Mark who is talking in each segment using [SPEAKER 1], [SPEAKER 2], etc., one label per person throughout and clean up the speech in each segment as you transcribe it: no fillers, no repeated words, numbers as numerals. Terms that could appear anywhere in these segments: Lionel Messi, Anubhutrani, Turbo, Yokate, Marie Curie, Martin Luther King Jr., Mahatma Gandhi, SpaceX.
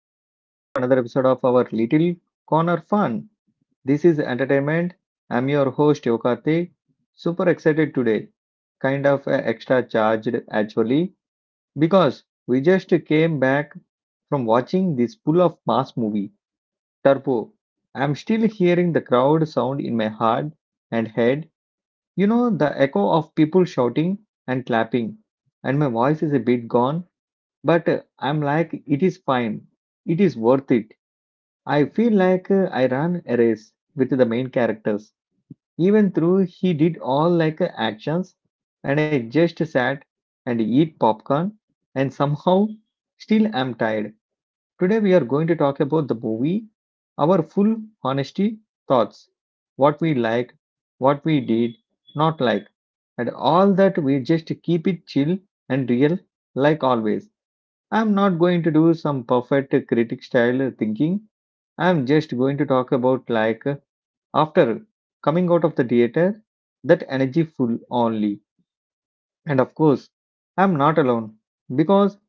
[SPEAKER 1] welcome back to another episode of our Little Corner Fun. This is Entertainment. I'm your host Yokate. Super excited today, kind of extra charged actually, because we just came back from watching this full of mass movie, Turbo. I'm still hearing the crowd sound in my heart and head, you know, the echo of people shouting and clapping, and my voice is a bit gone but I'm like, it is fine. It is worth it. I feel like I ran a race with the main characters. Even though he did all like actions, and I just sat and eat popcorn, and somehow still am tired. Today we are going to talk about the movie, our full honesty thoughts, what we like, what we did not like, and all that. We just keep it chill and real, like always. I'm not going to do some perfect critic style thinking. I'm just going to talk about like after coming out of the theater, that energy full only. And of course, I'm not alone because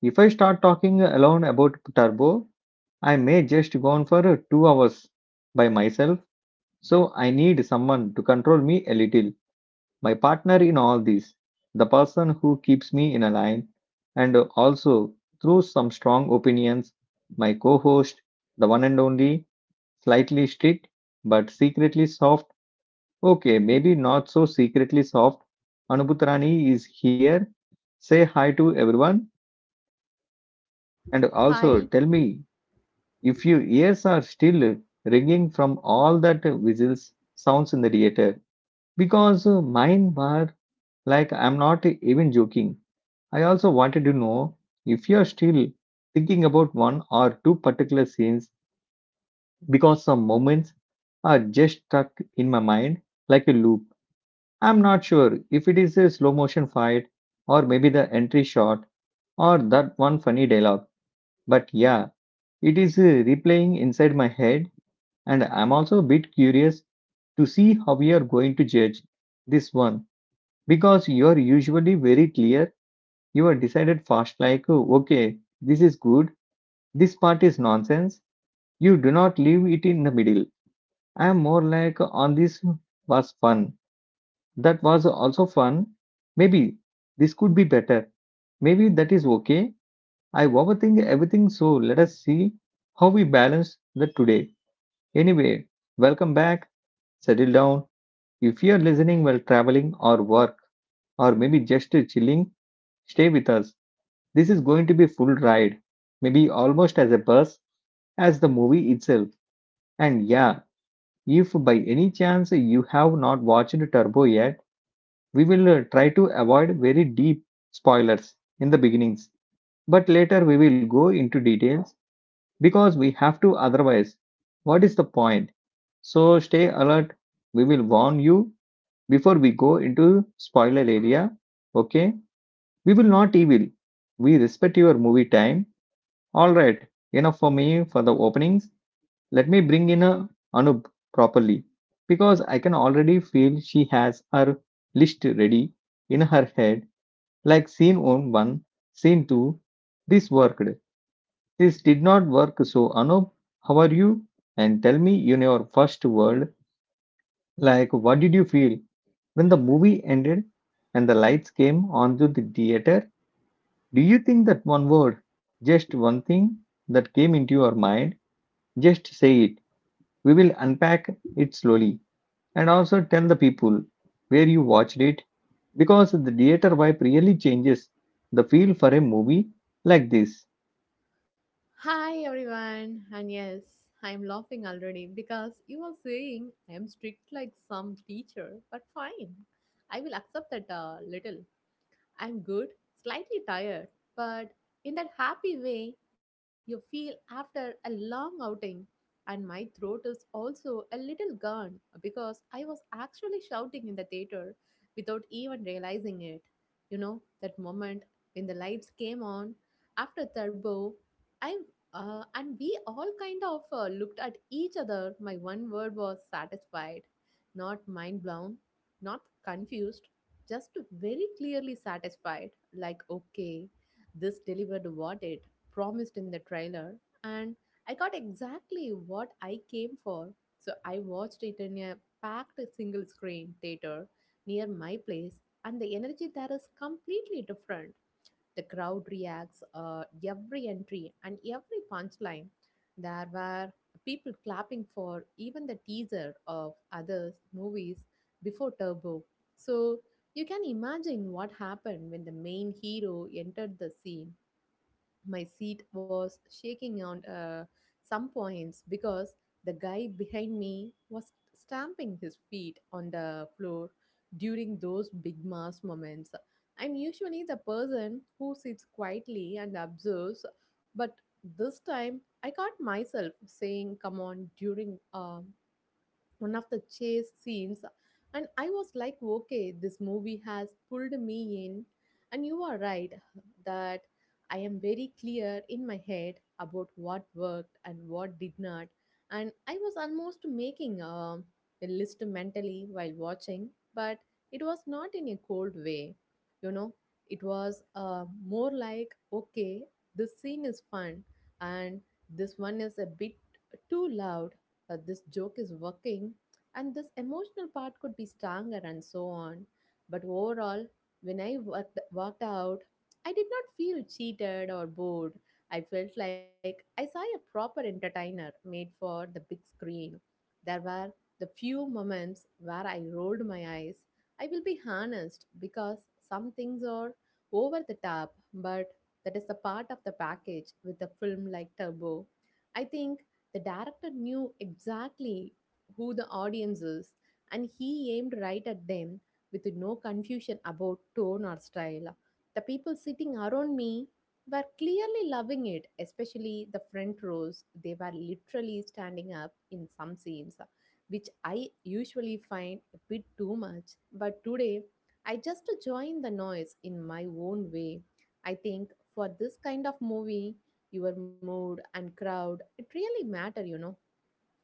[SPEAKER 1] if I start talking alone about Turbo, I may just go on for 2 hours by myself. So I need someone to control me a little. My partner in all this, the person who keeps me in a line, and also through some strong opinions, my co host, the one and only, slightly strict but secretly soft. Okay, maybe not so secretly soft. Anubhutrani is here. Say hi to everyone and also
[SPEAKER 2] Hi,
[SPEAKER 1] tell me if your ears are still ringing from all that whistles sounds in the theater because mine were like I'm not even joking. I also wanted to know if you're still thinking about one or two particular scenes because some moments are just stuck in my mind like a loop. I'm not sure if it is a slow motion fight or maybe the entry shot or that one funny dialogue. But yeah, it is replaying inside my head and I'm also a bit curious to see how you are going to judge this one because you are usually very clear. You are decided fast like, "Oh, okay, this is good. This part is nonsense." You do not leave it in the middle. I am more like on this was fun. That was also fun. Maybe this could be better. Maybe that is okay. I overthink everything, so let us see how we balance that today. Anyway, welcome back. Settle down. If you are listening while traveling or work, or maybe just chilling, stay with us. This is going to be full ride. Maybe almost as a bus as the movie itself. And yeah, if by any chance you have not watched Turbo yet, we will try to avoid very deep spoilers in the beginnings, but later we will go into details because we have to otherwise. What is the point? So stay alert. We will warn you before we go into spoiler area. Okay? We will not evil. We respect your movie time. All right. Enough for me for the openings. Let me bring in a Anup properly because I can already feel she has her list ready in her head like scene on 1, scene 2. This worked. This did not work. So, Anup, how are you? And tell me in your first word, like what did you feel when the movie ended and the lights came onto the theater? Do you think that one word, just one thing that came into your mind? Just say it. We will unpack it slowly and also tell the people where you watched it because the theater vibe really changes the feel for a movie like this.
[SPEAKER 2] hi everyone, and yes, I'm laughing already because you are saying I am strict like some teacher, but fine, I will accept that a little. I'm good, slightly tired, but in that happy way you feel after a long outing. And my throat is also a little gone because I was actually shouting in the theater without even realizing it. You know, that moment when the lights came on after Turbo, I and we all kind of looked at each other. My one word was satisfied, not mind blown, not confused, just very clearly satisfied, like okay, this delivered what it promised in the trailer, and I got exactly what I came for. So I watched it in a packed single screen theater near my place, and the energy there is completely different. The crowd reacts every entry and every punchline. There were people clapping for even the teaser of others' movies before Turbo. So you can imagine what happened when the main hero entered the scene. My seat was shaking on some points because the guy behind me was stamping his feet on the floor during those big mass moments. I'm usually the person who sits quietly and observes, but this time I caught myself saying, "Come on," during one of the chase scenes, and I was like, okay, this movie has pulled me in. And you are right that I am very clear in my head about what worked and what did not, and I was almost making a list mentally while watching. But it was not in a cold way, you know. It was more like, okay, this scene is fun, and this one is a bit too loud, this joke is working, and this emotional part could be stronger, and so on. But overall, when I worked out, I did not feel cheated or bored. I felt like I saw a proper entertainer made for the big screen. There were the few moments where I rolled my eyes, I will be honest, because some things are over the top, but that is the part of the package with a film like Turbo. I think the director knew exactly who the audience is, and he aimed right at them with no confusion about tone or style. The people sitting around me were clearly loving it, especially the front rows. They were literally standing up in some scenes, which I usually find a bit too much. But today, I just joined the noise in my own way. I think for this kind of movie, your mood and crowd it really matter, you know.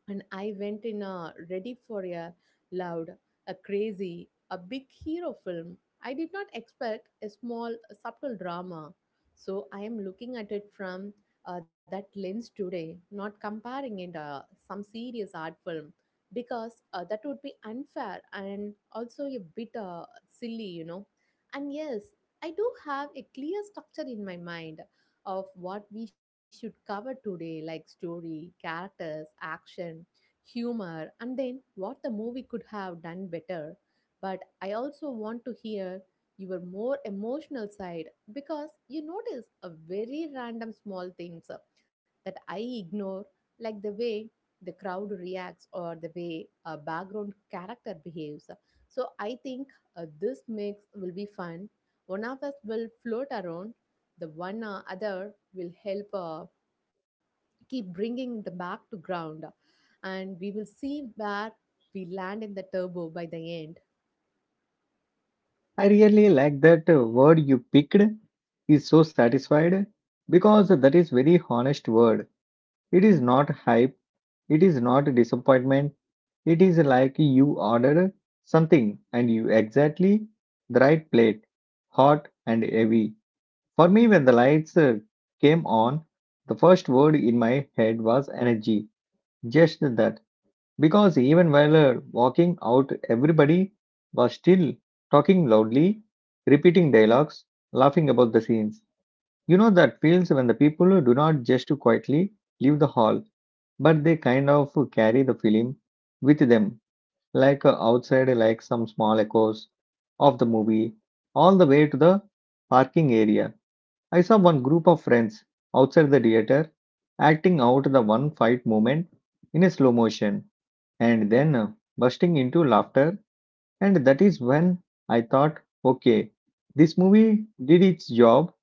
[SPEAKER 2] And I went in a ready for a loud, a crazy, a big hero film. I did not expect a small, subtle drama. So I am looking at it from that lens today, not comparing it some serious art film, because that would be unfair and also a bit silly, you know. And yes, I do have a clear structure in my mind of what we should cover today, like story, characters, action, humor, and then what the movie could have done better. But I also want to hear your more emotional side, because you notice a very random small things that I ignore, like the way the crowd reacts or the way a background character behaves. So I think this mix will be fun. One of us will float around, the one other will help. Keep bringing the back to ground, and we will see where we land in the Turbo by the end.
[SPEAKER 1] I really like that word you picked is so satisfied because that is very honest word. It is not hype, it is not disappointment. It is like you ordered something and you exactly the right plate, hot and heavy. For me when the lights came on, the first word in my head was energy. Just that. Because even while walking out, everybody was still talking loudly, repeating dialogues, laughing about the scenes. You know that feels when the people do not just quietly leave the hall, but they kind of carry the film with them, like outside, like some small echoes of the movie, all the way to the parking area. I saw one group of friends outside the theater acting out the one fight moment in a slow motion and then bursting into laughter. And that is when I thought, okay, this movie did its job.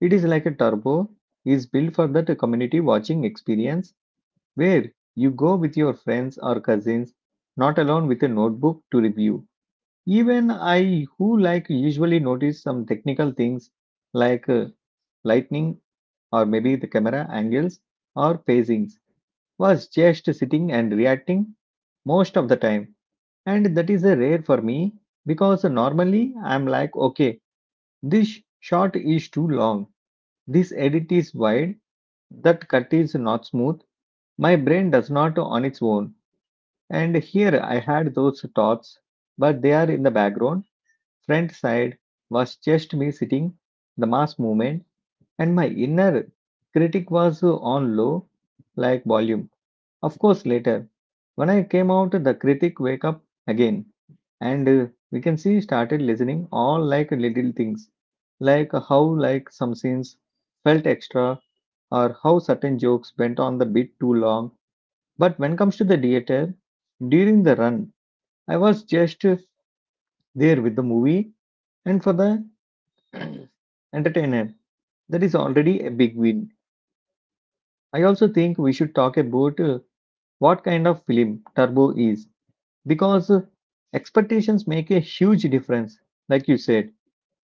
[SPEAKER 1] It is like a turbo, is built for that community watching experience where you go with your friends or cousins, not alone with a notebook to review. Even I, who like usually notice some technical things like lightning or maybe the camera angles or pacings, was just sitting and reacting most of the time and that is a rare for me because normally I'm like, okay, this shot is too long, this edit is wide, that cut is not smooth. My brain does not on its own. And here I had those thoughts, but they are in the background. Front side was just me sitting, the mass movement, and my inner critic was on low, like volume. Of course, later, when I came out, the critic wake up again and we can see started listening all like little things like how like some scenes felt extra or how certain jokes went on the bit too long but when comes to the theater during the run I was just there with the movie and for the entertainer that is already a big win. I also think we should talk about what kind of film Turbo is because expectations make a huge difference like you said.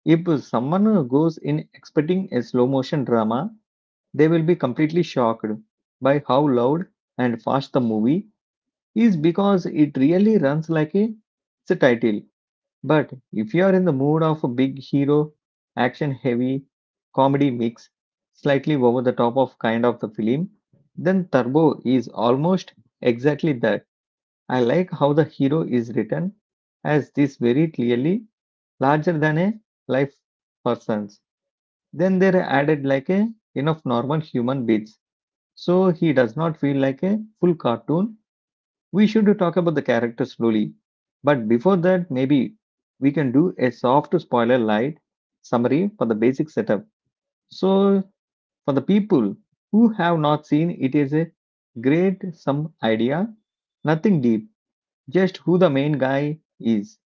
[SPEAKER 1] If someone goes in expecting a slow motion drama, they will be completely shocked by how loud and fast the movie is because it really runs like a, it's a title. But if you are in the mood of a big hero, action heavy, comedy mix, slightly over the top of kind of the film, then Turbo is almost exactly that. I like how the hero is written as this very clearly larger than a life person then they added like a enough normal human beats. So he does not feel like a full cartoon. We should talk about the character slowly. But before that, maybe we can do a soft spoiler light summary for the basic setup. So for the people who have not seen, it is a great some idea, nothing deep, just who the main guy is,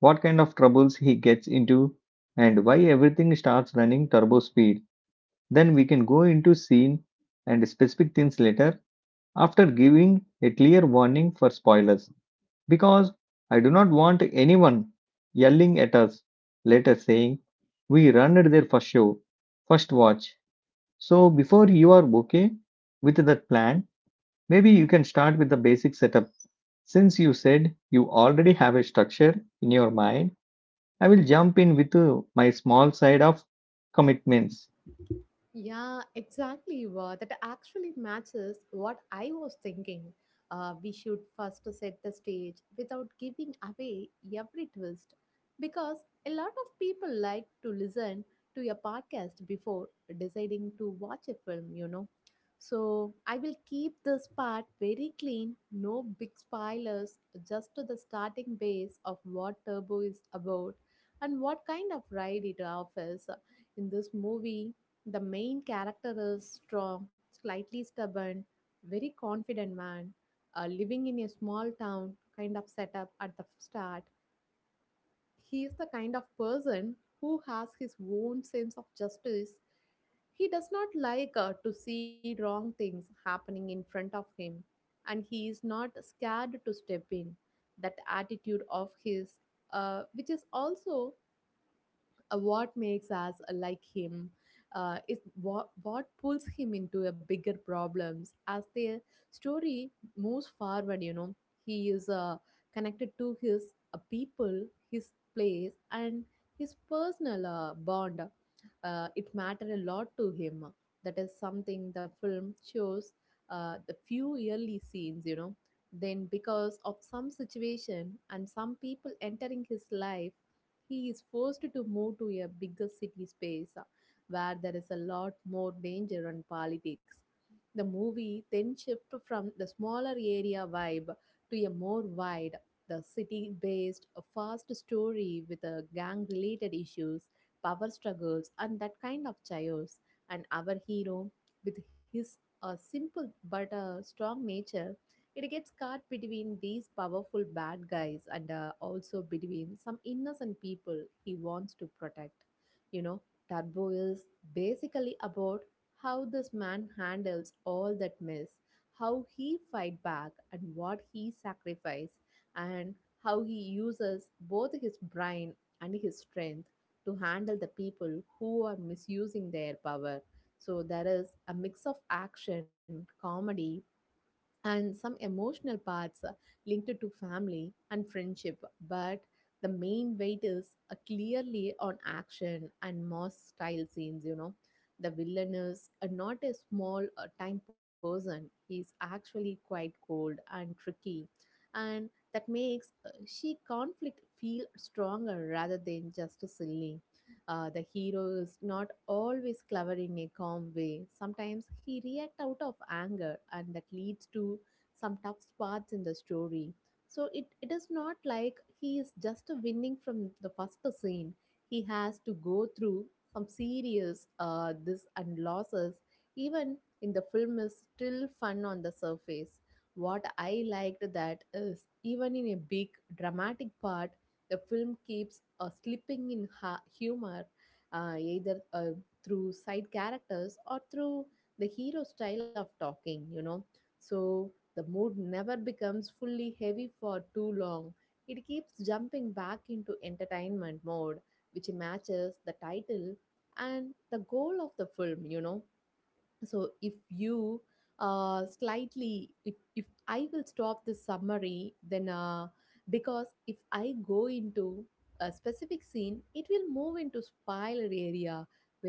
[SPEAKER 1] what kind of troubles he gets into, and why everything starts running turbo speed. Then we can go into scene and specific things later after giving a clear warning for spoilers because I do not want anyone yelling at us later saying we ruined their first show, first watch. So before you are okay with that plan, maybe you can start with the basic setup. Since you said you already have a structure in your mind, I will jump in with my small side of commitments.
[SPEAKER 2] Yeah, exactly. Wa. That actually matches what I was thinking. We should first set the stage without giving away every twist, because a lot of people like to listen to a podcast before deciding to watch a film, you know. So I will keep this part very clean, no big spoilers, just to the starting base of what Turbo is about and what kind of ride it offers. In this movie the main character is strong, slightly stubborn, very confident man, living in a small town kind of setup at the start. He is the kind of person who has his own sense of justice. He does not like to see wrong things happening in front of him, and he is not scared to step in. That attitude of his, which is also what makes us like him is what pulls him into a bigger problems as the story moves forward, you know. He is connected to his people, his place, and his personal bond. It mattered a lot to him. That is something the film shows the few early scenes, you know. Then because of some situation and some people entering his life, he is forced to move to a bigger city space, where there is a lot more danger and politics. The movie then shifts from the smaller area vibe to a more wide, the city based, fast story with gang related issues, power struggles, and that kind of chaos. And our hero, with his simple but strong nature, it gets caught between these powerful bad guys and also between some innocent people he wants to protect. You know, Turbo is basically about how this man handles all that mess, how he fight back and what he sacrifice, and how he uses both his brain and his strength to handle the people who are misusing their power. So there is a mix of action, comedy, and some emotional parts linked to family and friendship. But the main weight is clearly on action and moss style scenes, you know. The villain is not a small time person, he's actually quite cold and tricky, and that makes she conflict feel stronger rather than just silly. The hero is not always clever in a calm way. Sometimes he reacts out of anger, and that leads to some tough spots in the story. So it is not like he is just winning from the first scene. He has to go through some serious this and losses. Even in the film is still fun on the surface. What I liked that is even in a big dramatic part, the film keeps slipping in humor, either through side characters or through the hero style of talking, you know. So the mood never becomes fully heavy for too long. It keeps jumping back into entertainment mode, which matches the title and the goal of the film, you know. So if you slightly if I will stop this summary then, because if I go into a specific scene, it will move into spoiler area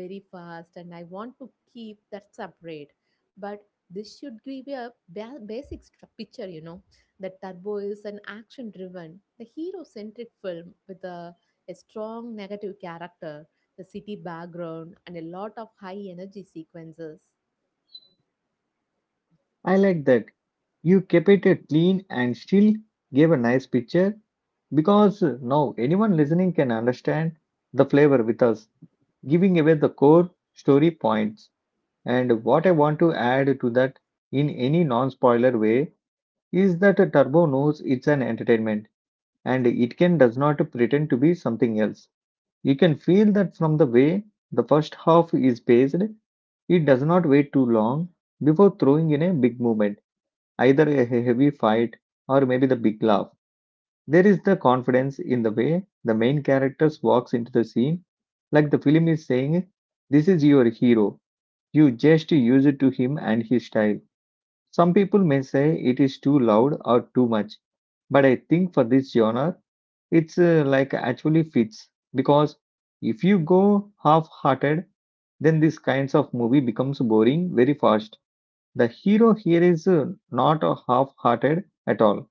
[SPEAKER 2] very fast, and I want to keep that separate. But this should give you a basic picture, you know. The Turbo is an action driven, the hero centric film with a strong negative character, the city background, and a lot of high energy sequences.
[SPEAKER 1] I like that. You kept it clean and still gave a nice picture because now anyone listening can understand the flavor with us, giving away the core story points. And what I want to add to that in any non spoiler way is that Turbo knows it's an entertainment and it can does not pretend to be something else. You can feel that from the way the first half is paced, it does not wait too long before throwing in a big moment either a heavy fight or maybe the big laugh. There is the confidence in the way the main character walks into the scene, like the film is saying, "This is your hero. You just use it to him and his style." Some people may say it is too loud or too much, but I think for this genre, it's like actually fits because if you go half hearted, then these kinds of movie becomes boring very fast. The hero here is not half hearted at all.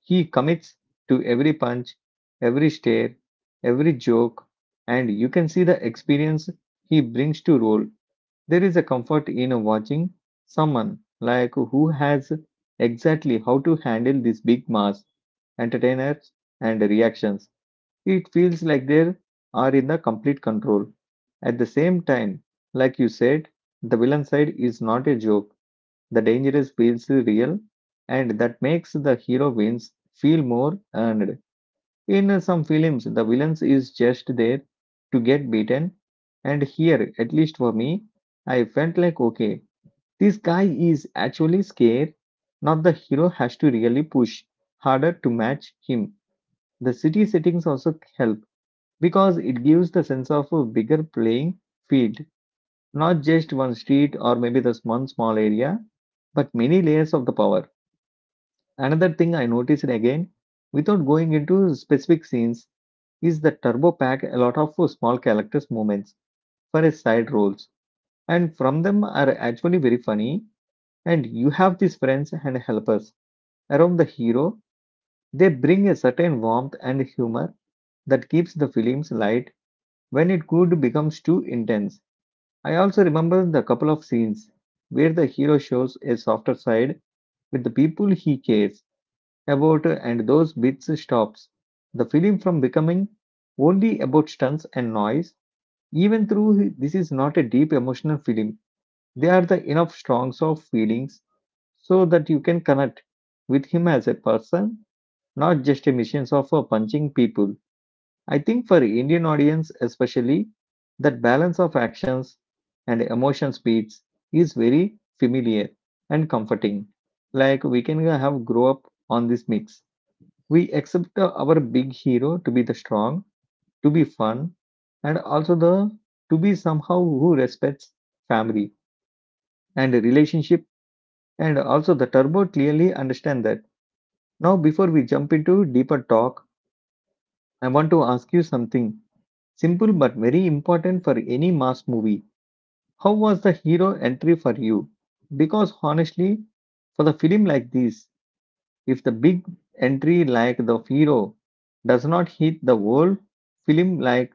[SPEAKER 1] He commits to every punch, every stare, every joke, and you can see the experience he brings to role. There is a comfort in watching someone like who has exactly how to handle this big mass, entertainers, and reactions. It feels like they are in the complete control. At the same time, like you said, the villain side is not a joke. The dangerous feels real, and that makes the hero wins feel more earned. In some films, the villain is just there to get beaten, and here, at least for me, I felt like okay, this guy is actually scared. Not the hero has to really push harder to match him. The city settings also help because it gives the sense of a bigger playing field, not just one street or maybe this one small area, but many layers of the power. Another thing I noticed again, without going into specific scenes, is that Turbo pack a lot of small characters' moments for his side roles, and from them are actually very funny. And you have these friends and helpers around the hero. They bring a certain warmth and humor that keeps the films light when it could becomes too intense. I also remember the couple of scenes where the hero shows a softer side with the people he cares about, and those bits stops the film from becoming only about stunts and noise. Even though this is not a deep emotional film, they are the enough strongs of feelings so that you can connect with him as a person, not just a missions of punching people. I think for Indian audience especially, that balance of actions and emotion speeds is very familiar and comforting. Like we can have grow up on this mix. We accept our big hero to be the strong, to be fun, and also the to be somehow who respects family and relationship. And also the Turbo clearly understand that. Now, before we jump into deeper talk, I want to ask you something simple but very important for any mass movie. How was the hero entry for you? Because honestly, for the film like this, if the big entry like the hero does not hit, the whole film like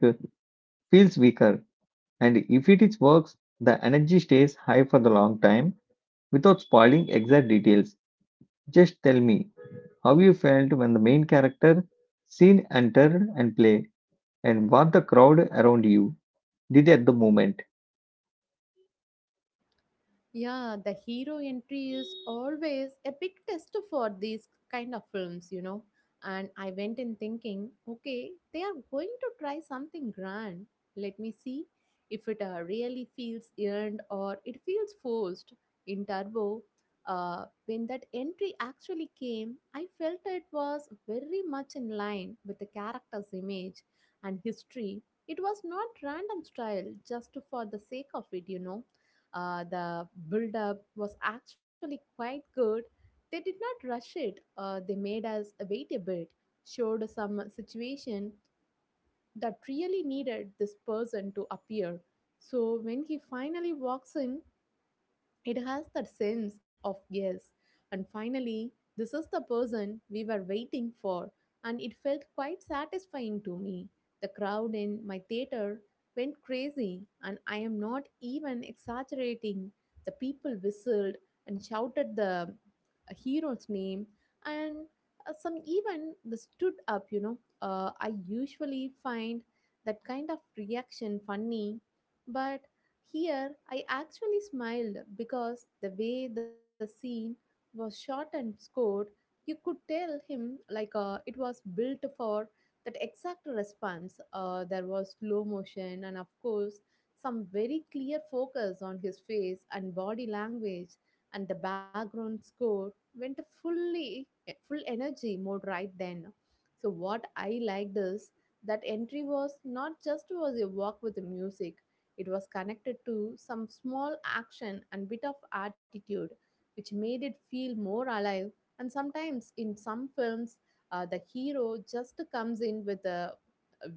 [SPEAKER 1] feels weaker, and if it is works, the energy stays high for the long time without spoiling exact details. Just tell me how you felt when the main character scene entered and play, and what the crowd around you did at the moment.
[SPEAKER 2] Yeah, the hero entry is always a big test for these kind of films, you know. And I went in thinking, okay, they are going to try something grand. Let me see if it really feels earned or it feels forced. In Turbo, when that entry actually came, I felt it was very much in line with the character's image and history. It was not random style just for the sake of it, you know. The build up was actually quite good. They did not rush it, they made us wait a bit, showed some situation that really needed this person to appear. So when he finally walks in, it has that sense of yes. And finally, this is the person we were waiting for, and it felt quite satisfying to me. The crowd in my theater went crazy, and I am not even exaggerating. The people whistled and shouted the hero's name, and some even the stood up. You know, I usually find that kind of reaction funny, but here, I actually smiled because the way the scene was shot and scored, you could tell him like it was built for that exact response. There was slow motion and, of course, some very clear focus on his face and body language, and the background score went full energy mode right then. So what I liked is that entry was not just was a walk with the music, it was connected to some small action and bit of attitude, which made it feel more alive. And sometimes in some films, the hero just comes in with the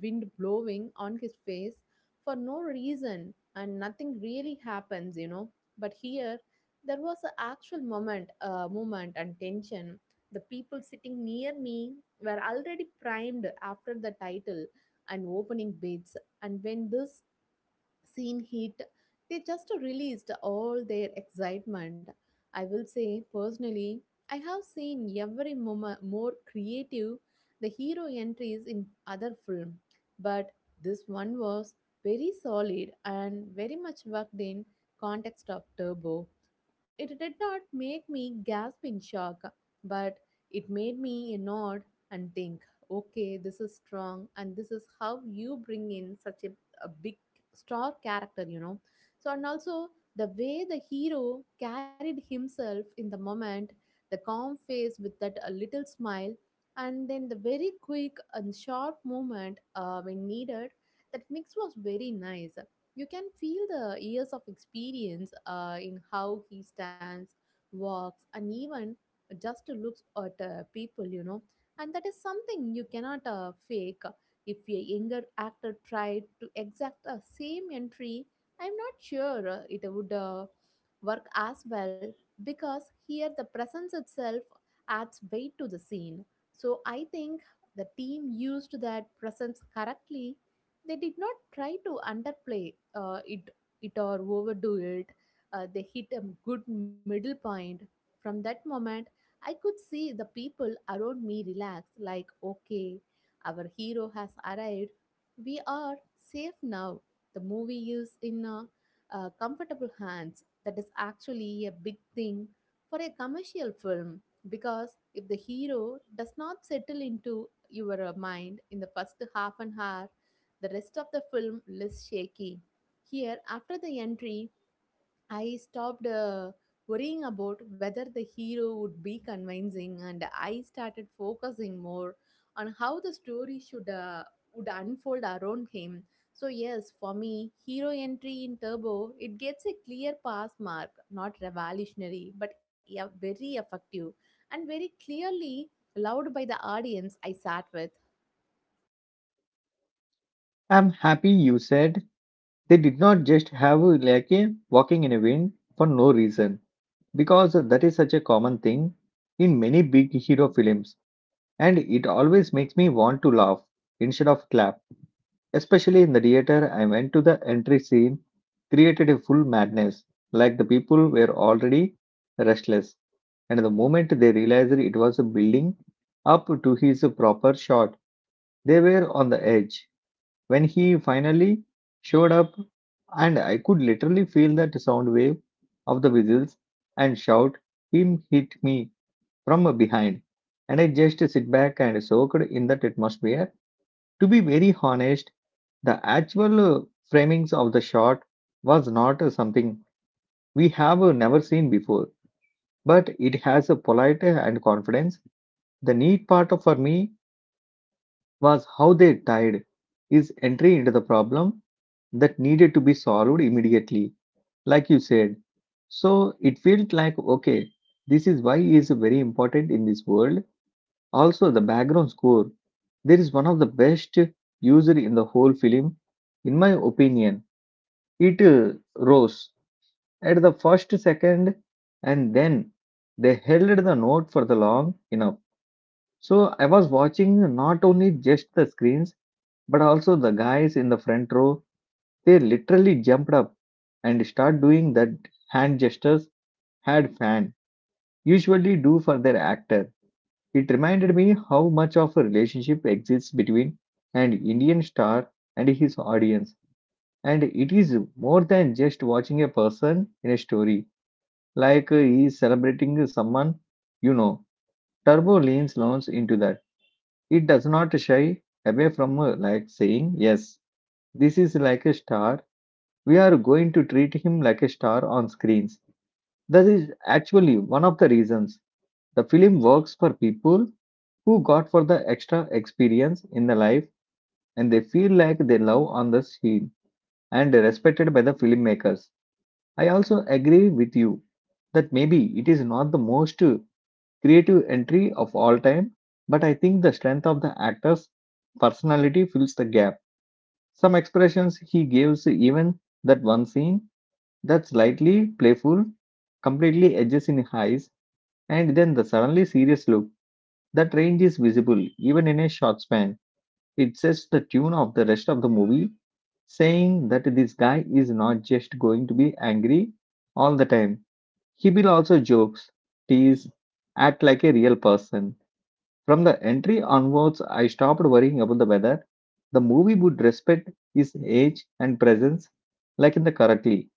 [SPEAKER 2] wind blowing on his face for no reason and nothing really happens, you know. But here, there was an actual moment, moment and tension. The people sitting near me were already primed after the title and opening bids. And when this seen hit, they just released all their excitement. I will say personally, I have seen more creative the hero entries in other film, but this one was very solid and very much worked in context of Turbo. It did not make me gasp in shock, but it made me nod and think, okay, this is strong, and this is how you bring in a big star character, So, and also the way the hero carried himself in the moment, the calm face with that a little smile, and then the very quick and sharp movement when needed, that mix was very nice. You can feel the years of experience in how he stands, walks, and even just looks at people, And that is something you cannot fake. If a younger actor tried to exact the same entry, I'm not sure it would work as well because here the presence itself adds weight to the scene. So I think the team used that presence correctly. They did not try to underplay it or overdo it. They hit a good middle point. From that moment I could see the people around me relax, like, okay, our hero has arrived, we are safe now, the movie is in comfortable hands. That is actually a big thing for a commercial film, because if the hero does not settle into your mind in the first half an hour, the rest of the film is shaky. Here, after the entry, I stopped worrying about whether the hero would be convincing, and I started focusing more on how the story should would unfold around him. So yes, for me, hero entry in Turbo, it gets a clear pass mark, not revolutionary, but yeah, very effective and very clearly loved by the audience I sat with.
[SPEAKER 1] I'm happy you said they did not just have like a walking in a wind for no reason, because that is such a common thing in many big hero films, and it always makes me want to laugh instead of clap. Especially in the theater, I went to the entry scene, created a full madness, like the people were already restless. And the moment they realized it was building up to his proper shot, they were on the edge. When he finally showed up, and I could literally feel that sound wave of the whistles and shout, him hit me from behind. And I just sit back and soaked in that atmosphere. To be very honest, the actual framings of the shot was not something we have never seen before, but it has a polite and confidence. The neat for me was how they tied his entry into the problem that needed to be solved immediately, like you said. So it felt like okay, this is why he is very important in this world. Also, the background score there is one of the best used in the whole film, in my opinion. It rose at the first second, and then they held the note for the long enough. So I was watching not only just the screens but also the guys in the front row. They literally jumped up and start doing that hand gestures had fan usually do for their actor. It reminded me how much of a relationship exists between an Indian star and his audience, and it is more than just watching a person in a story. Like he is celebrating someone, you know. Turbo leans loans into that. It does not shy away from like saying, "Yes, this is like a star. We are going to treat him like a star on screens." That is actually one of the reasons the film works for people who got for the extra experience in the life, and they feel like they love on the scene and respected by the filmmakers. I also agree with you that maybe it is not the most creative entry of all time, but I think the strength of the actor's personality fills the gap. Some expressions he gives, even that one scene that's slightly playful, completely edges in highs, and then the suddenly serious look. That range is visible even in a short span. It sets the tune of the rest of the movie, saying that this guy is not just going to be angry all the time. He will also jokes, tease, act like a real person. From the entry onwards, I stopped worrying about the weather. The movie would respect his age and presence, like in the correctly,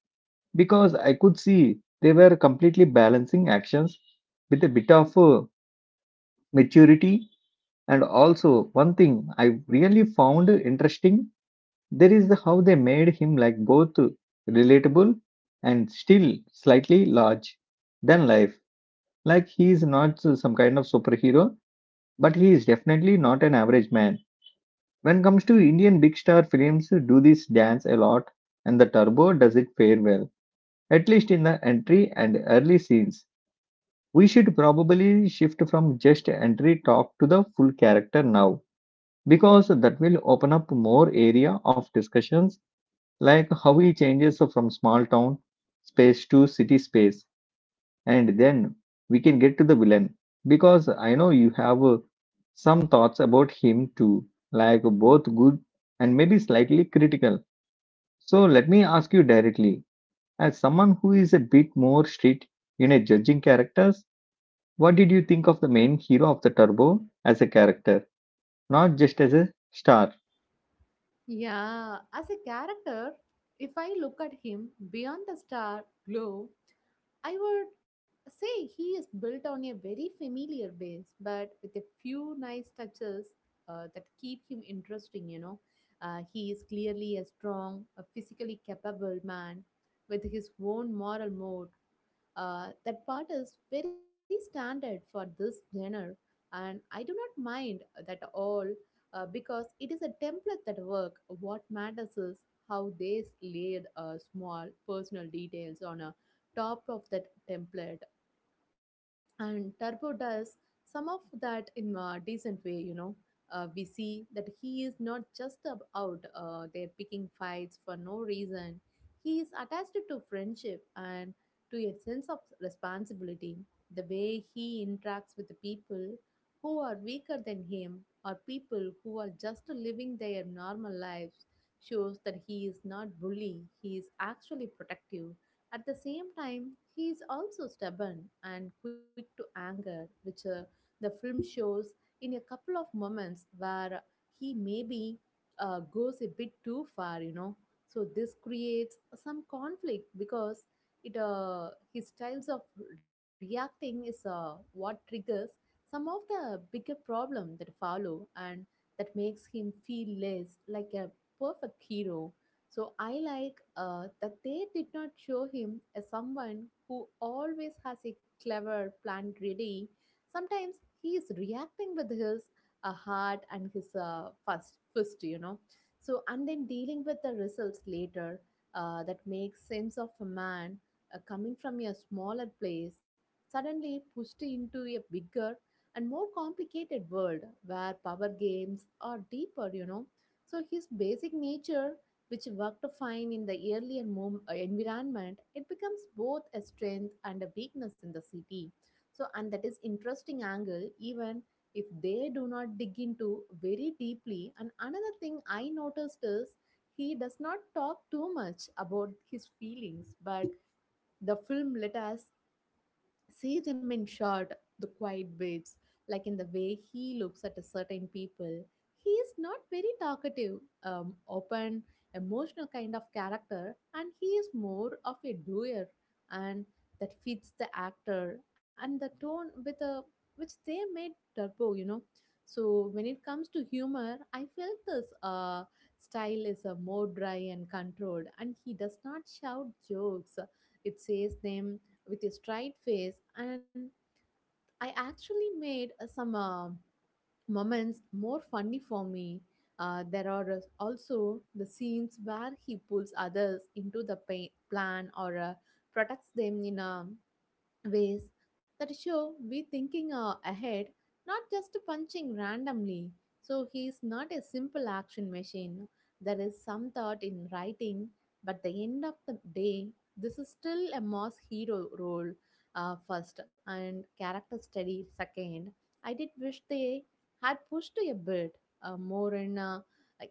[SPEAKER 1] because I could see they were completely balancing actions with a bit of maturity. And also, one thing I really found interesting there is the how they made him like both relatable and still slightly large than life. Like he is not some kind of superhero, but he is definitely not an average man. When it comes to Indian big star films, do this dance a lot, and the Turbo does it fair well. At least in the entry and early scenes, we should probably shift from just entry talk to the full character now, because that will open up more area of discussions, like how he changes from small town space to city space, and then we can get to the villain, because I know you have some thoughts about him too, like both good and maybe slightly critical. So let me ask you directly, as someone who is a bit more strict in a judging characters, what did you think of the main hero of the Turbo as a character, not just as a star?
[SPEAKER 2] Yeah, as a character, if I look at him beyond the star glow, I would say he is built on a very familiar base, but with a few nice touches that keep him interesting, He is clearly a strong, a physically capable man with his own moral mode. That part is very standard for this genre, and I do not mind that all. Because it is a template that work. What matters is how they laid small personal details on a top of that template, and Turbo does some of that in a decent way. You know, we see that he is not just out there picking fights for no reason. He is attached to friendship and to a sense of responsibility. The way he interacts with the people who are weaker than him, or people who are just living their normal lives, shows that he is not bully. He is actually protective. At the same time, he is also stubborn and quick to anger, which the film shows in a couple of moments where he maybe goes a bit too far, So this creates some conflict, because it his styles of reacting is what triggers some of the bigger problem that follow, and that makes him feel less like a perfect hero. So I like that they did not show him as someone who always has a clever plan ready. Sometimes he is reacting with his heart and his first fist, So, and then dealing with the results later. That makes sense of a man coming from a smaller place, suddenly pushed into a bigger and more complicated world where power games are deeper, So his basic nature, which worked fine in the earlier environment, it becomes both a strength and a weakness in the city. So, and that is interesting angle, even if they do not dig into very deeply. And another thing I noticed is he does not talk too much about his feelings, but the film let us see them in short, the quiet babes, like in the way he looks at a certain people. He is not very talkative, open, emotional kind of character, and he is more of a doer, and that fits the actor and the tone with a which they made Turbo, So when it comes to humor, I felt this style is a more dry and controlled, and he does not shout jokes. It says them with a straight face, and I actually made some moments more funny for me. There are also the scenes where he pulls others into the pain plan, or protects them in a ways that show we thinking ahead, not just punching randomly. So he is not a simple action machine. There is some thought in writing, but the end of the day, this is still a mass hero role first and character study second. I did wish they had pushed a bit more in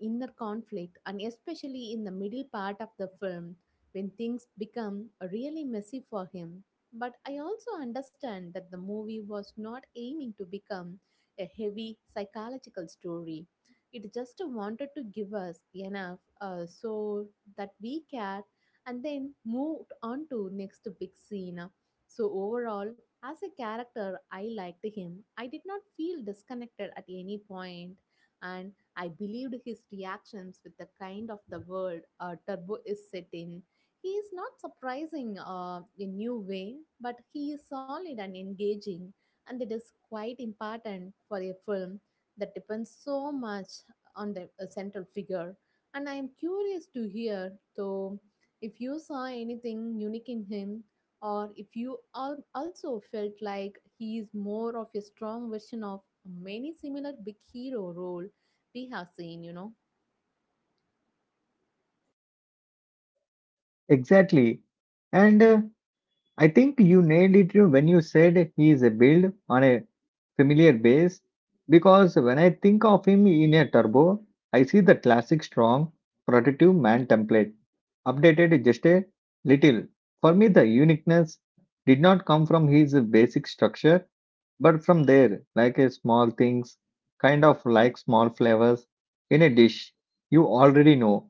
[SPEAKER 2] inner conflict, and especially in the middle part of the film when things become really messy for him. But I also understand that the movie was not aiming to become a heavy psychological story. It just wanted to give us enough so that we care, and then moved on to next big scene. So overall, as a character, I liked him. I did not feel disconnected at any point, and I believed his reactions with the kind of the world Turbo is set in. He is not surprising in new way, but he is solid and engaging, and it is quite important for a film that depends so much on the central figure. And I am curious to hear, though, if you saw anything unique in him, or if you also felt like he is more of a strong version of many similar big hero role we have seen,
[SPEAKER 1] Exactly, and I think you nailed it when you said he is a build on a familiar base, because when I think of him in a Turbo, I see the classic strong, protective man template, updated just a little. For me, the uniqueness did not come from his basic structure, but from there, like a small things, kind of like small flavors in a dish you already know.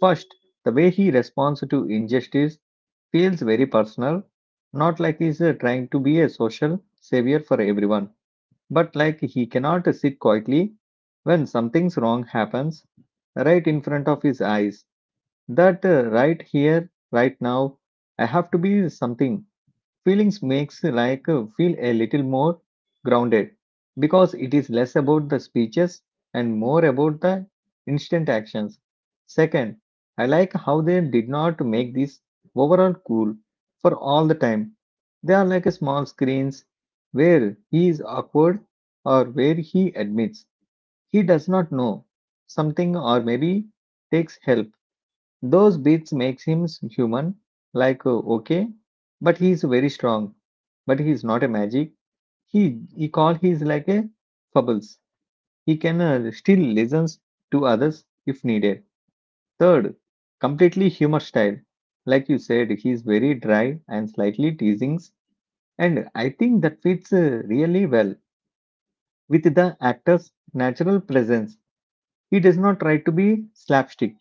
[SPEAKER 1] First, the way he responds to injustice feels very personal, not like he's trying to be a social savior for everyone, but like he cannot sit quietly when something's wrong happens right in front of his eyes. That right here, right now, I have to be something feelings makes like feel a little more grounded, because it is less about the speeches and more about the instant actions. Second, I like how they did not make this overall cool for all the time. They are like small screens where he is awkward, or where he admits he does not know something, or maybe takes help. Those beats makes him human, like okay, but he is very strong. But he is not a magic. He is like a fables. He can still listens to others if needed. Third, completely humor style. Like you said, he is very dry and slightly teasing, and I think that fits really well with the actor's natural presence. He does not try to be slapstick.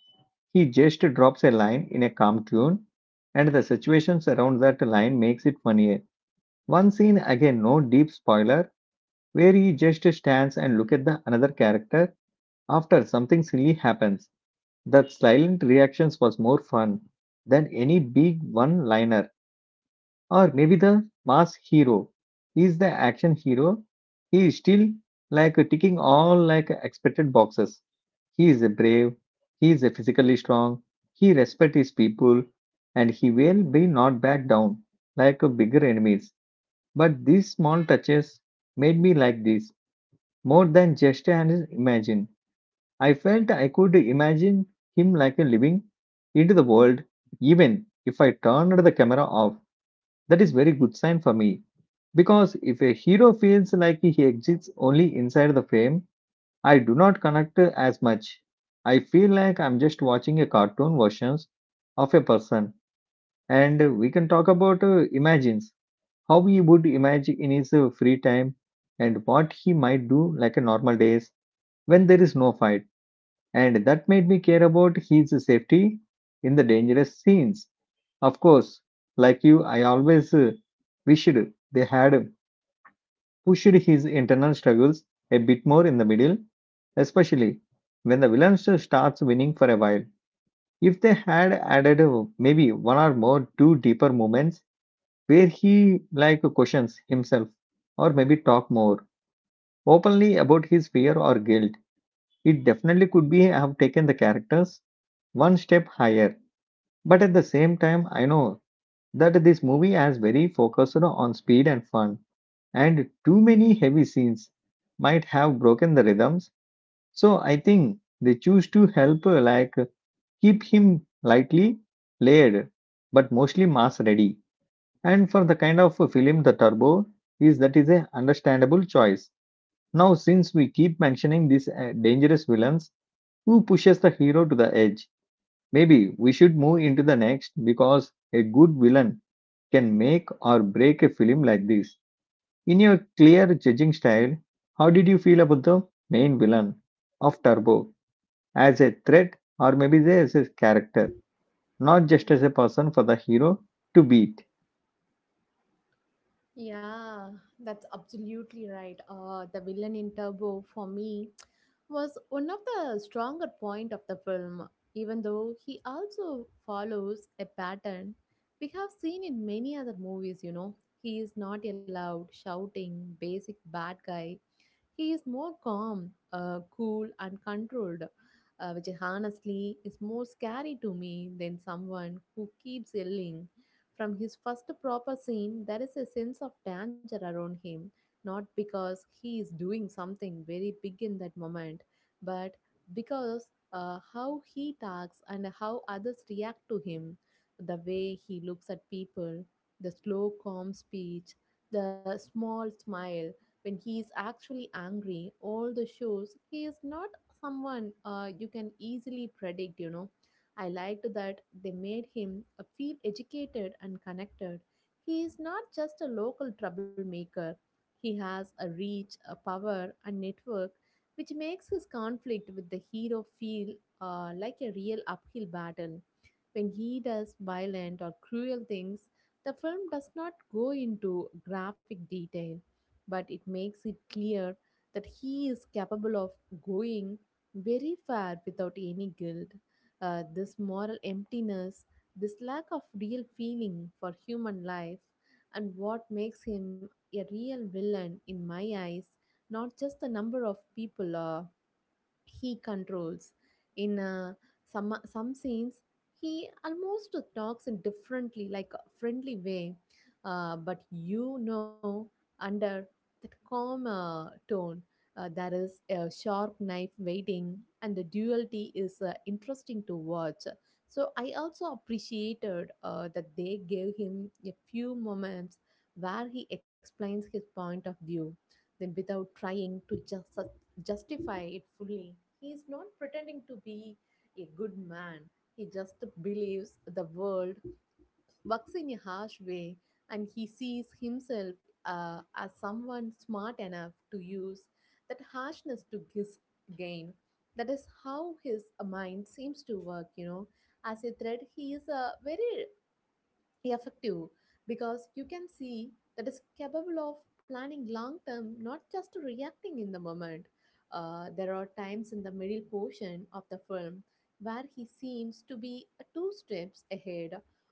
[SPEAKER 1] He just drops a line in a calm tune, and the situations around that line makes it funnier. One scene again, no deep spoiler, where he just stands and look at the another character after something silly happens. That silent reactions was more fun than any big one-liner. Or maybe the mass hero is the action hero, he is still like ticking all like expected boxes. He is a brave, he is a physically strong, he respects his people, and he will be not back down like a bigger enemies. But these small touches made me like this more than just an imagine. I felt I could imagine him like a living into the world, even if I turned the camera off. That is very good sign for me, because if a hero feels like he exists only inside the frame, I do not connect as much. I feel like I'm just watching a cartoon versions of a person, and we can talk about imagines how he would imagine in his free time, and what he might do like a normal days when there is no fight. And that made me care about his safety in the dangerous scenes. Of course, like you, I always wished they had pushed his internal struggles a bit more in the middle, especially when the villain starts winning for a while. If they had added maybe one or more two deeper moments where he like questions himself, or maybe talk more openly about his fear or guilt, it definitely could be have taken the characters one step higher. But at the same time, I know that this movie has very focused on speed and fun, and too many heavy scenes might have broken the rhythms. So I think they choose to help like keep him lightly layered, but mostly mass ready. And for the kind of film the Turbo is that is a understandable choice. Now since we keep mentioning these dangerous villains who pushes the hero to the edge, maybe we should move into the next because a good villain can make or break a film like this. In your clear judging style, how did you feel about the main villain of Turbo as a threat or maybe as a character, not just as a person for the hero to beat?
[SPEAKER 2] Yeah, that's absolutely right. The villain in Turbo for me was one of the stronger point of the film, even though he also follows a pattern we have seen in many other movies. You know, he is not a loud, shouting, basic bad guy. He is more calm, cool, and controlled, which is honestly is more scary to me than someone who keeps yelling. From his first proper scene, there is a sense of danger around him, not because he is doing something very big in that moment, but because how he talks and how others react to him, the way he looks at people, the slow, calm speech, the small smile. When he is actually angry, all the shows he is not someone you can easily predict, I liked that they made him feel educated and connected. He is not just a local troublemaker. He has a reach, a power, and network which makes his conflict with the hero feel like a real uphill battle. When he does violent or cruel things, the film does not go into graphic detail, but it makes it clear that he is capable of going very far without any guilt. This moral emptiness, this lack of real feeling for human life, and what makes him a real villain in my eyes, not just the number of people he controls. In some scenes, he almost talks in differently, like a friendly way, but you know, under that calm tone, there is a sharp knife waiting, and the duality is interesting to watch. So I also appreciated that they gave him a few moments where he explains his point of view, then without trying to just justify it fully. He is not pretending to be a good man. He just believes the world works in a harsh way, and he sees himself as someone smart enough to use that harshness to his gain. That is how his mind seems to work, As a thread, he is a very effective, because you can see that is capable of planning long term, not just reacting in the moment. There are times in the middle portion of the film where he seems to be two steps ahead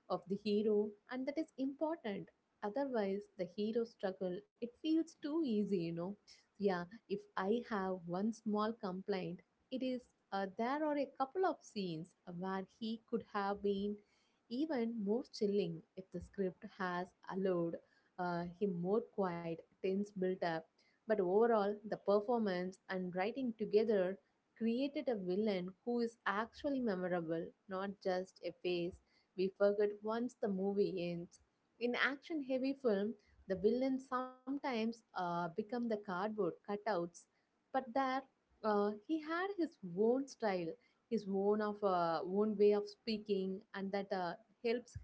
[SPEAKER 2] of the hero, and that is important. Otherwise, the hero struggle it feels too easy, Yeah, if I have one small complaint, it is there are a couple of scenes where he could have been even more chilling if the script has allowed him more quiet, tense built up. But overall, the performance and writing together created a villain who is actually memorable, not just a face we forget once the movie ends. In action heavy film, the villains sometimes become the cardboard cutouts, but there he had his own style, his own of own way of speaking, and that helps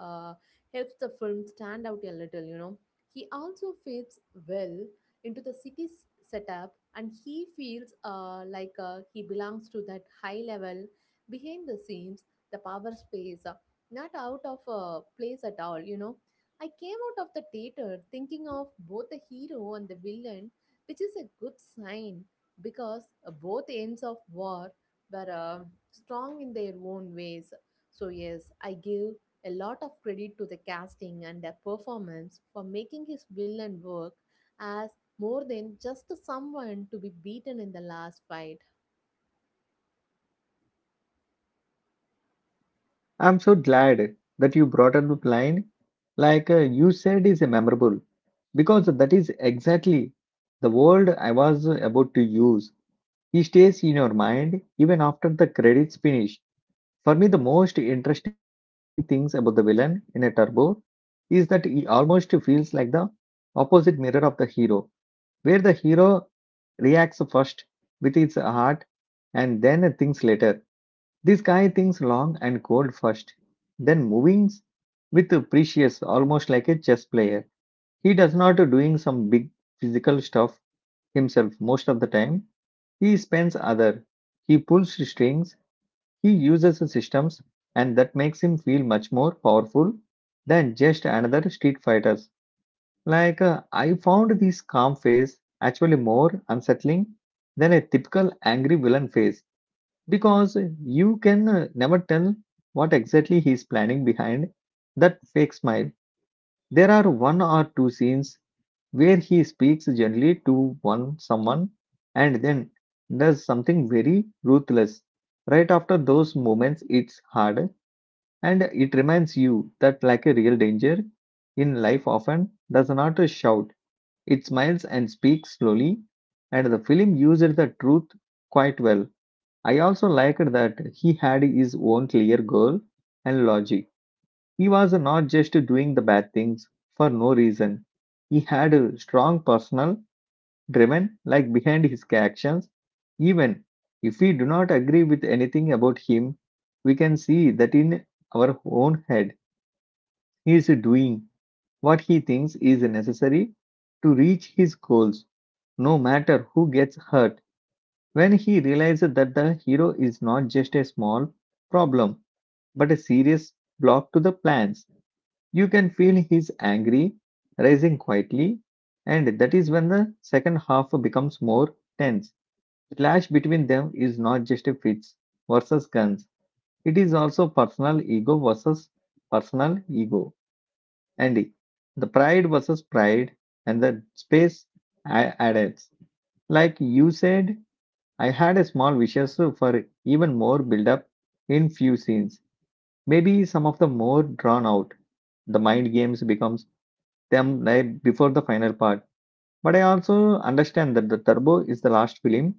[SPEAKER 2] uh, helps the film stand out a little. He also fits well into the city's setup, and he feels like he belongs to that high level behind the scenes, the power space, not out of place at all. I came out of the theater thinking of both the hero and the villain, which is a good sign, because both ends of war were strong in their own ways. So, yes, I give a lot of credit to the casting and the performance for making his villain work as more than just someone to be beaten in the last fight.
[SPEAKER 1] I'm so glad that you brought up the line like you said is memorable because that is exactly the word I was about to use. He stays in your mind even after the credits finish. For me, the most interesting things about the villain in a turbo is that he almost feels like the opposite mirror of the hero, where the hero reacts first with his heart and then thinks later. This guy thinks long and cold first, then moving with precious, almost like a chess player. He does not doing some big physical stuff himself most of the time. He spends other. He pulls strings he uses systems, and that makes him feel much more powerful than just another street fighters. I found this calm face actually more unsettling than a typical angry villain face because you can never tell what exactly he is planning behind that fake smile. There are one or two scenes where he speaks gently to one someone and then does something very ruthless. Right after those moments, it's hard and it reminds you that, like a real danger in life, often does not shout. It smiles and speaks slowly, and the film used the truth quite well. I also liked that he had his own clear goal and logic he was not just doing the bad things for no reason. He had a strong personal driven like behind his actions. Even if we do not agree with anything about him, we can see that in our own head he is doing what he thinks is necessary to reach his goals, no matter who gets hurt. When he realized that the hero is not just a small problem, but a serious block to the plans, you can feel he's angry, rising quietly, and that is when the second half becomes more tense. The clash between them is not just a fists versus guns, it is also personal ego versus personal ego, and the pride versus pride, and the space I added. Like you said, I had a small wishes for even more build up in few scenes. Maybe some of the more drawn out the mind games becomes them right before the final part. But I also understand that the Turbo is the last film.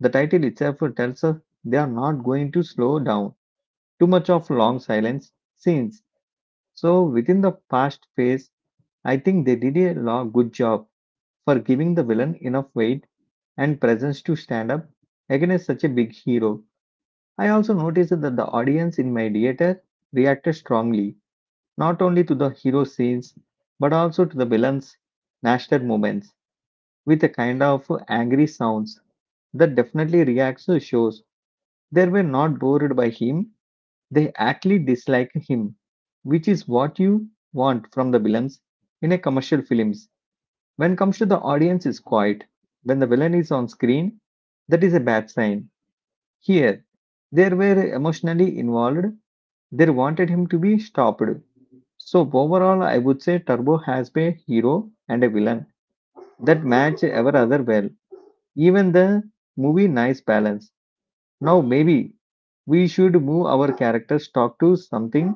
[SPEAKER 1] The title itself tells us they are not going to slow down too much of long silence scenes. So within the past phase, I think they did a good job for giving the villain enough weight and presence to stand up against such a big hero. I also noticed that the audience in my theater reacted strongly, not only to the hero scenes, but also to the villain's nasty moments. With a kind of angry sounds that definitely reacts to shows they were not bored by him, they actually dislike him, which is what you want from the villains in a commercial films. When comes to the audience is quiet, when the villain is on screen, that is a bad sign. Here, they were emotionally involved, they wanted him to be stopped. So overall, I would say Turbo has a hero and a villain that match ever other well. Even the movie nice balance. Now maybe we should move our characters talk to something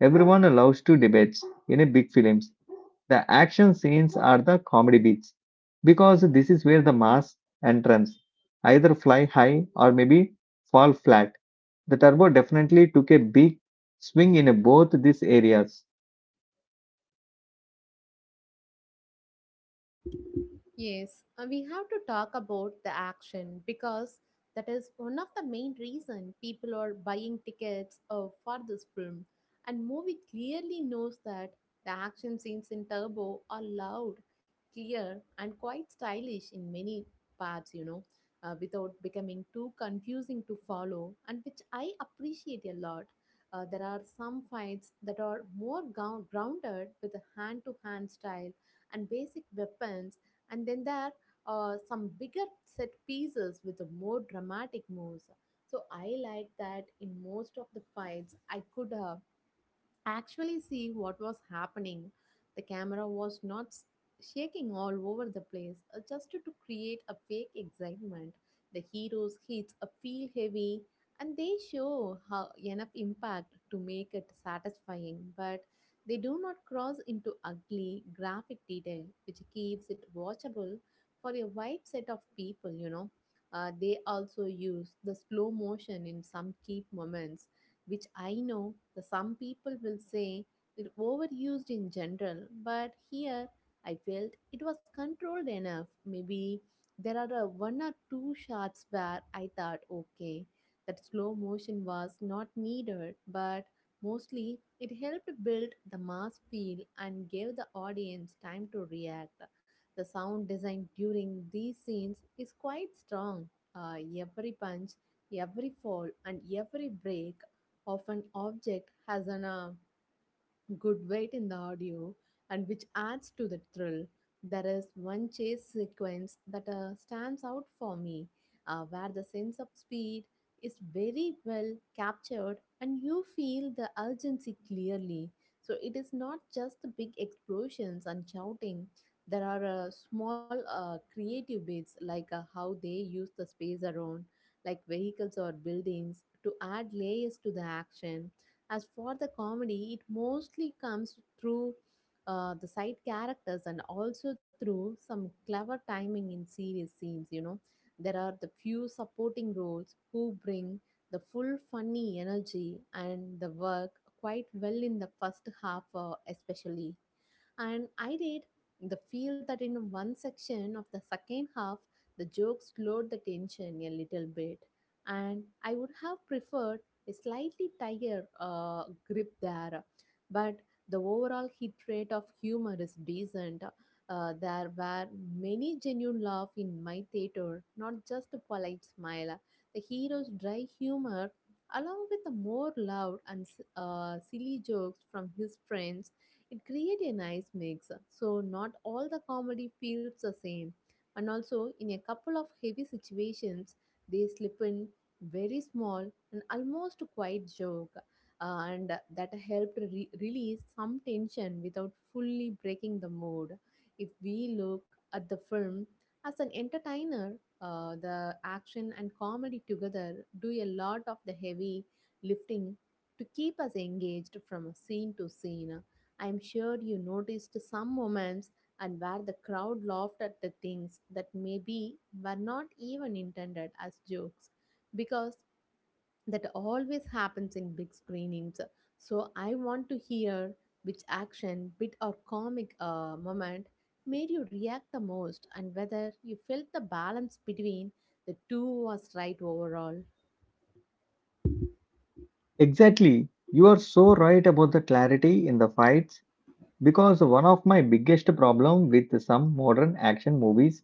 [SPEAKER 1] everyone loves to debate in a big films. The action scenes are the comedy beats because this is where the mass entrance either fly high or maybe fall flat. The turbo definitely took a big swing in both these areas.
[SPEAKER 2] Yes, and we have to talk about the action because that is one of the main reason people are buying tickets for this film. And movie clearly knows that the action scenes in Turbo are loud, clear, and quite stylish in many parts, you know, without becoming too confusing to follow, and which I appreciate a lot. There are some fights that are more grounded with a hand to hand style and basic weapons, and then there are some bigger set pieces with more dramatic moves. So I like that in most of the fights I could actually see what was happening. The camera was not shaking all over the place, just to create a fake excitement. The heroes hits a feel heavy, and they show how enough impact to make it satisfying, but they do not cross into ugly graphic detail, which keeps it watchable for a wide set of people. You know, they also use the slow motion in some key moments, which I know the some people will say is overused in general, but here I felt it was controlled enough. Maybe there are a one or two shots where I thought, okay, that slow motion was not needed, but mostly it helped build the mass feel and gave the audience time to react. The sound design during these scenes is quite strong. Every punch, every fall, and every break of an object has an good weight in the audio, and which adds to the thrill. There is one chase sequence that stands out for me, where the sense of speed is very well captured, and you feel the urgency clearly. So it is not just the big explosions and shouting. There are small creative bits like how they use the space around like vehicles or buildings to add layers to the action. As for the comedy, it mostly comes through the side characters, and also through some clever timing in serious scenes. You know, there are the few supporting roles who bring the full funny energy, and the work quite well in the first half, especially. And I did the feel that in one section of the second half, the jokes slowed the tension a little bit. And I would have preferred a slightly tighter grip there, but the overall hit rate of humor is decent. There were many genuine laughs in my theater, not just a polite smile. The hero's dry humor, along with the more loud and silly jokes from his friends, it created a nice mix. So not all the comedy feels the same. And also, in a couple of heavy situations, they slip in very small an almost quiet joke, and that helped release some tension without fully breaking the mood. If we look at the film as an entertainer, the action and comedy together do a lot of the heavy lifting to keep us engaged from scene to scene. I'm sure you noticed some moments and where the crowd laughed at the things that maybe were not even intended as jokes, because that always happens in big screenings. So I want to hear which action, bit, or comic moment made you react the most, and whether you felt the balance between the two was right overall.
[SPEAKER 1] Exactly. You are so right about the clarity in the fights. Because one of my biggest problem with some modern action movies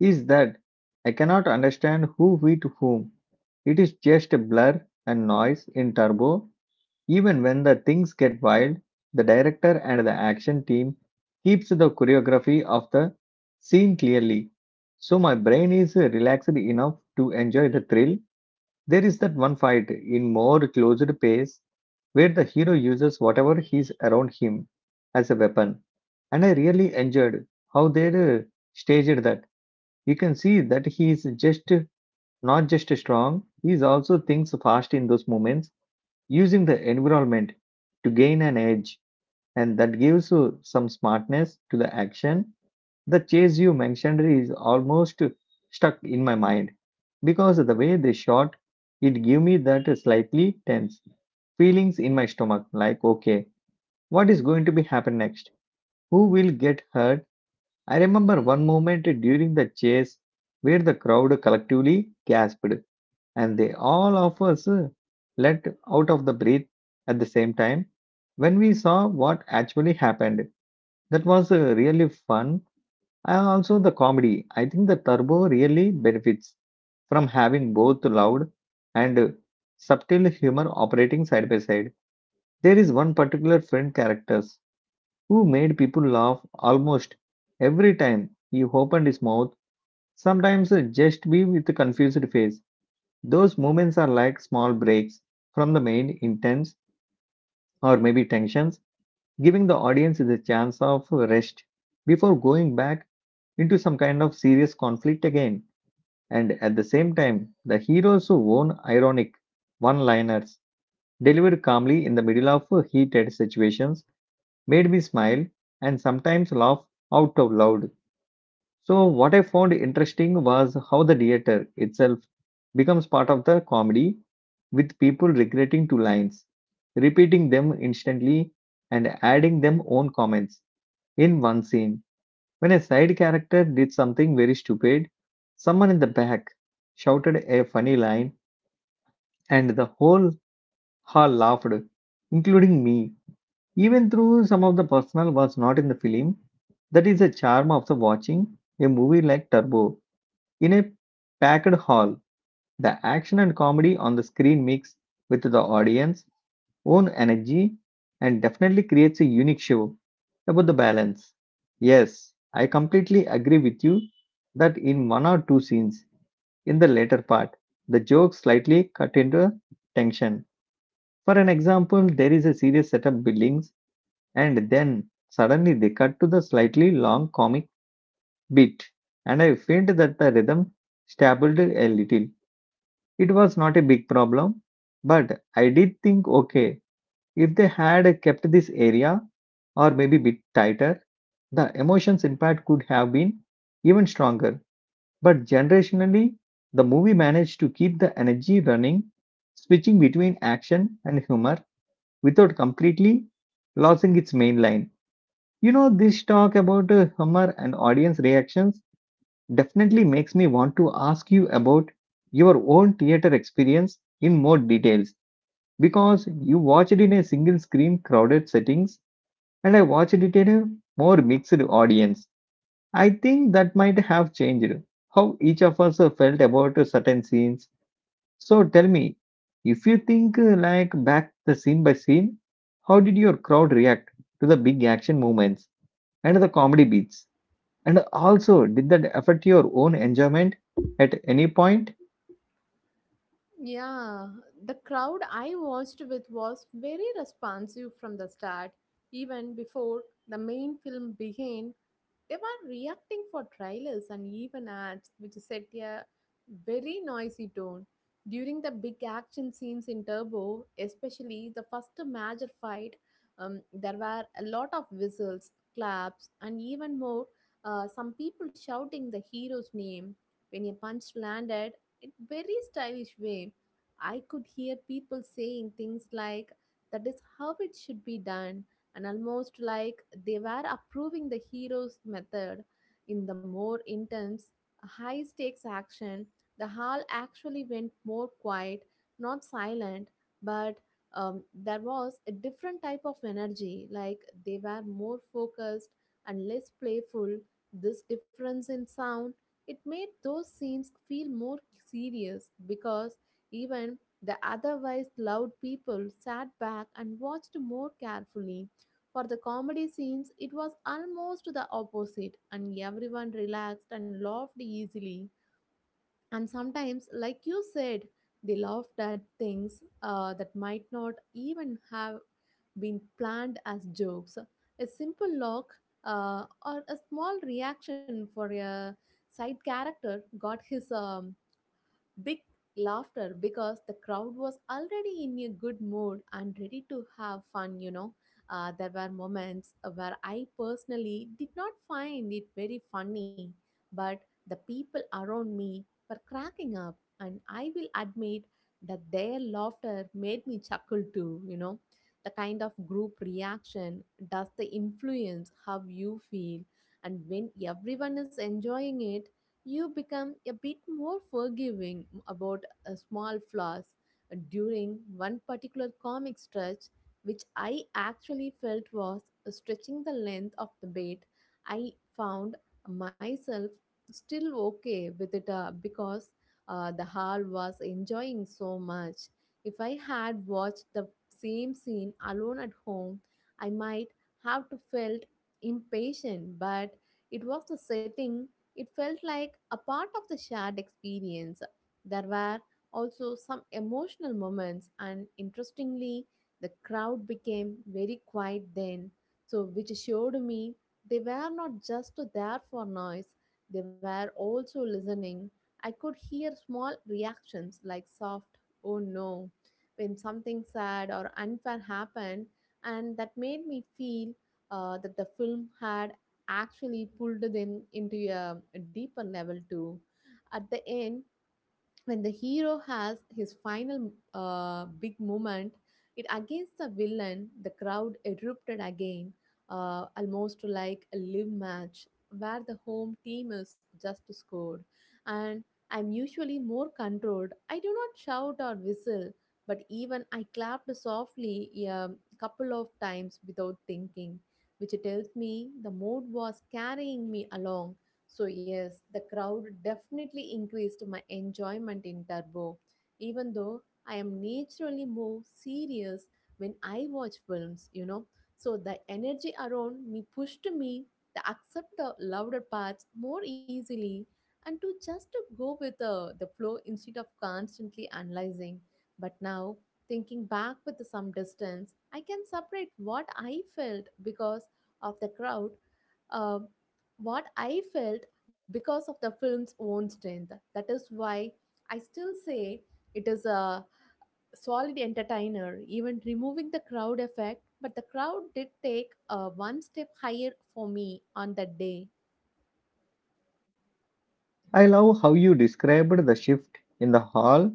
[SPEAKER 1] is that I cannot understand who hit whom. It is just a blur and noise in turbo. Even when the things get wild, the director and the action team keeps the choreography of the scene clearly. So my brain is relaxed enough to enjoy the thrill, there is that one fight in more closed pace where the hero uses whatever he's around him as a weapon. And I really enjoyed how they staged that. You can see that he is just not just strong, he is also thinks fast in those moments, using the environment to gain an edge, and that gives some smartness to the action. The chase you mentioned is almost stuck in my mind because the way they shot it gave me that slightly tense feelings in my stomach, like okay, what is going to be happen next, who will get hurt. I remember one moment during the chase where the crowd collectively gasped and they all of us let out of the breath at the same time when we saw what actually happened. That was really fun. And also the comedy. I think the Turbo really benefits from having both loud and subtle humor operating side by side. There is one particular friend characters who made people laugh almost every time he opened his mouth, sometimes just be with a confused face. Those moments are like small breaks from the main intents or maybe tensions, giving the audience the chance of rest before going back into some kind of serious conflict again. And at the same time, the heroes who own ironic one liners delivered calmly in the middle of heated situations made me smile and sometimes laugh out of loud. So, what I found interesting was how the theater itself becomes part of the comedy with people regretting two lines, repeating them instantly, and adding them own comments. In one scene when a side character did something very stupid, someone in the back shouted a funny line, and the whole hall laughed, including me. Even though some of the personnel was not in the film, that is the charm of the watching a movie like Turbo. In a packed hall, the action and comedy on the screen mix with the audience, own energy and definitely creates a unique show about the balance. Yes, I completely agree with you that in one or two scenes in the later part, the jokes slightly cut into tension. For an example, there is a serious setup buildings and then suddenly they cut to the slightly long comic bit and I felt that the rhythm stabilized a little. It was not a big problem, but I did think okay, if they had kept this area or maybe bit tighter, the emotions impact could have been even stronger. But generationally, the movie managed to keep the energy running, switching between action and humor without completely losing its main line. You know, this talk about humor and audience reactions definitely makes me want to ask you about your own theater experience in more details because you watched it in a single screen crowded settings and I watched it in a more mixed audience. I think that might have changed how each of us felt about certain scenes. So tell me, if you think like back the scene by scene, how did your crowd react to the big action moments and the comedy beats? And also, did that affect your own enjoyment at any point?
[SPEAKER 2] Yeah, the crowd I watched with was very responsive from the start, even before the main film began. They were reacting for trailers and even ads, which set a very noisy tone. During the big action scenes in Turbo, especially the first major fight, there were a lot of whistles, claps, and even more, some people shouting the hero's name. When a punch landed, in very stylish way, I could hear people saying things like, that is how it should be done, and almost like they were approving the hero's method in the more intense, high stakes action. The hall actually went more quiet, not silent, but there was a different type of energy, like they were more focused and less playful. This difference in sound, it made those scenes feel more serious, because even the otherwise loud people sat back and watched more carefully. For the comedy scenes, it was almost the opposite, and everyone relaxed and laughed easily. And sometimes, like you said, they laughed at things that might not even have been planned as jokes. A simple look or a small reaction for a side character got his big laughter, because the crowd was already in a good mood and ready to have fun. There were moments where I personally did not find it very funny, but the people around me were cracking up, and I will admit that their laughter made me chuckle too. The kind of group reaction does the influence how you feel, and when everyone is enjoying it, you become a bit more forgiving about small flaws. During one particular comic stretch, which I actually felt was stretching the length of the bait, I found myself still okay with it because the hall was enjoying so much. If I had watched the same scene alone at home, I might have to felt impatient, but it was the setting, it felt like a part of the shared experience. There were also some emotional moments, and interestingly, the crowd became very quiet then, so which showed me they were not just there for noise, they were also listening. I could hear small reactions like soft, oh no, when something sad or unfair happened, and that made me feel that the film had actually pulled them into a deeper level too. At the end, when the hero has his final big moment it against the villain, the crowd erupted again, almost like a live match where the home team is just scored. And I'm usually more controlled, I do not shout or whistle, but even I clapped softly a couple of times without thinking, which tells me the mood was carrying me along. So, yes, the crowd definitely increased my enjoyment in Turbo, even though I am naturally more serious when I watch films, you know. So, the energy around me pushed me to accept the louder parts more easily, and to just to go with the flow instead of constantly analyzing. But now, thinking back with some distance, I can separate what I felt because of the crowd, uh, what I felt because of the film's own strength. That is why I still say it is a solid entertainer, even removing the crowd effect. But the crowd did take one step higher for me on that day.
[SPEAKER 1] I love how you described the shift in the hall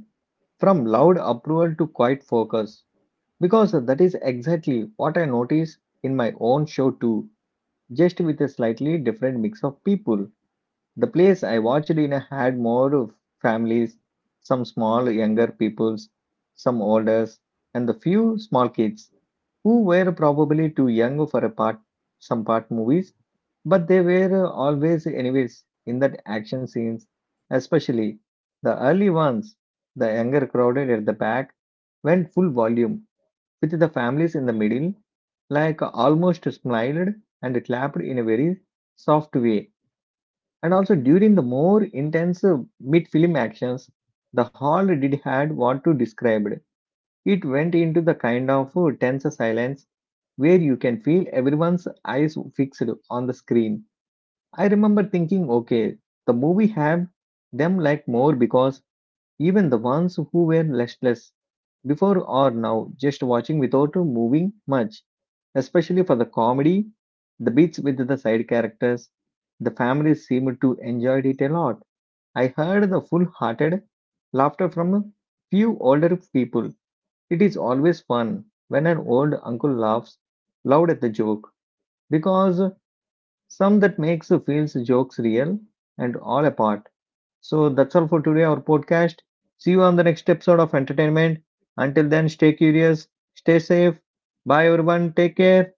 [SPEAKER 1] from loud approval to quiet focus, because that is exactly what I noticed in my own show too, just with a slightly different mix of people. The place I watched in had more of families, some small younger peoples, some older, and the few small kids who were probably too young for a part some part movies, but they were always anyways in that action scenes, especially the early ones. The younger crowded at the back went full volume, with the families in the middle, like almost smiled and clapped in a very soft way. And also during the more intense mid-film actions, the hall did had what to described. It went into the kind of tense silence where you can feel everyone's eyes fixed on the screen. I remember thinking, okay, the movie had them like more because even the ones who were listless before or now, just watching without moving much, especially for the comedy, the beats with the side characters, the families seemed to enjoy it a lot. I heard the full hearted laughter from a few older people. It is always fun when an old uncle laughs loud at the joke because some that makes feels jokes real and all apart. So that's all for today our podcast. See you on the next episode of entertainment. Until then stay curious, stay safe. Bye everyone, take care.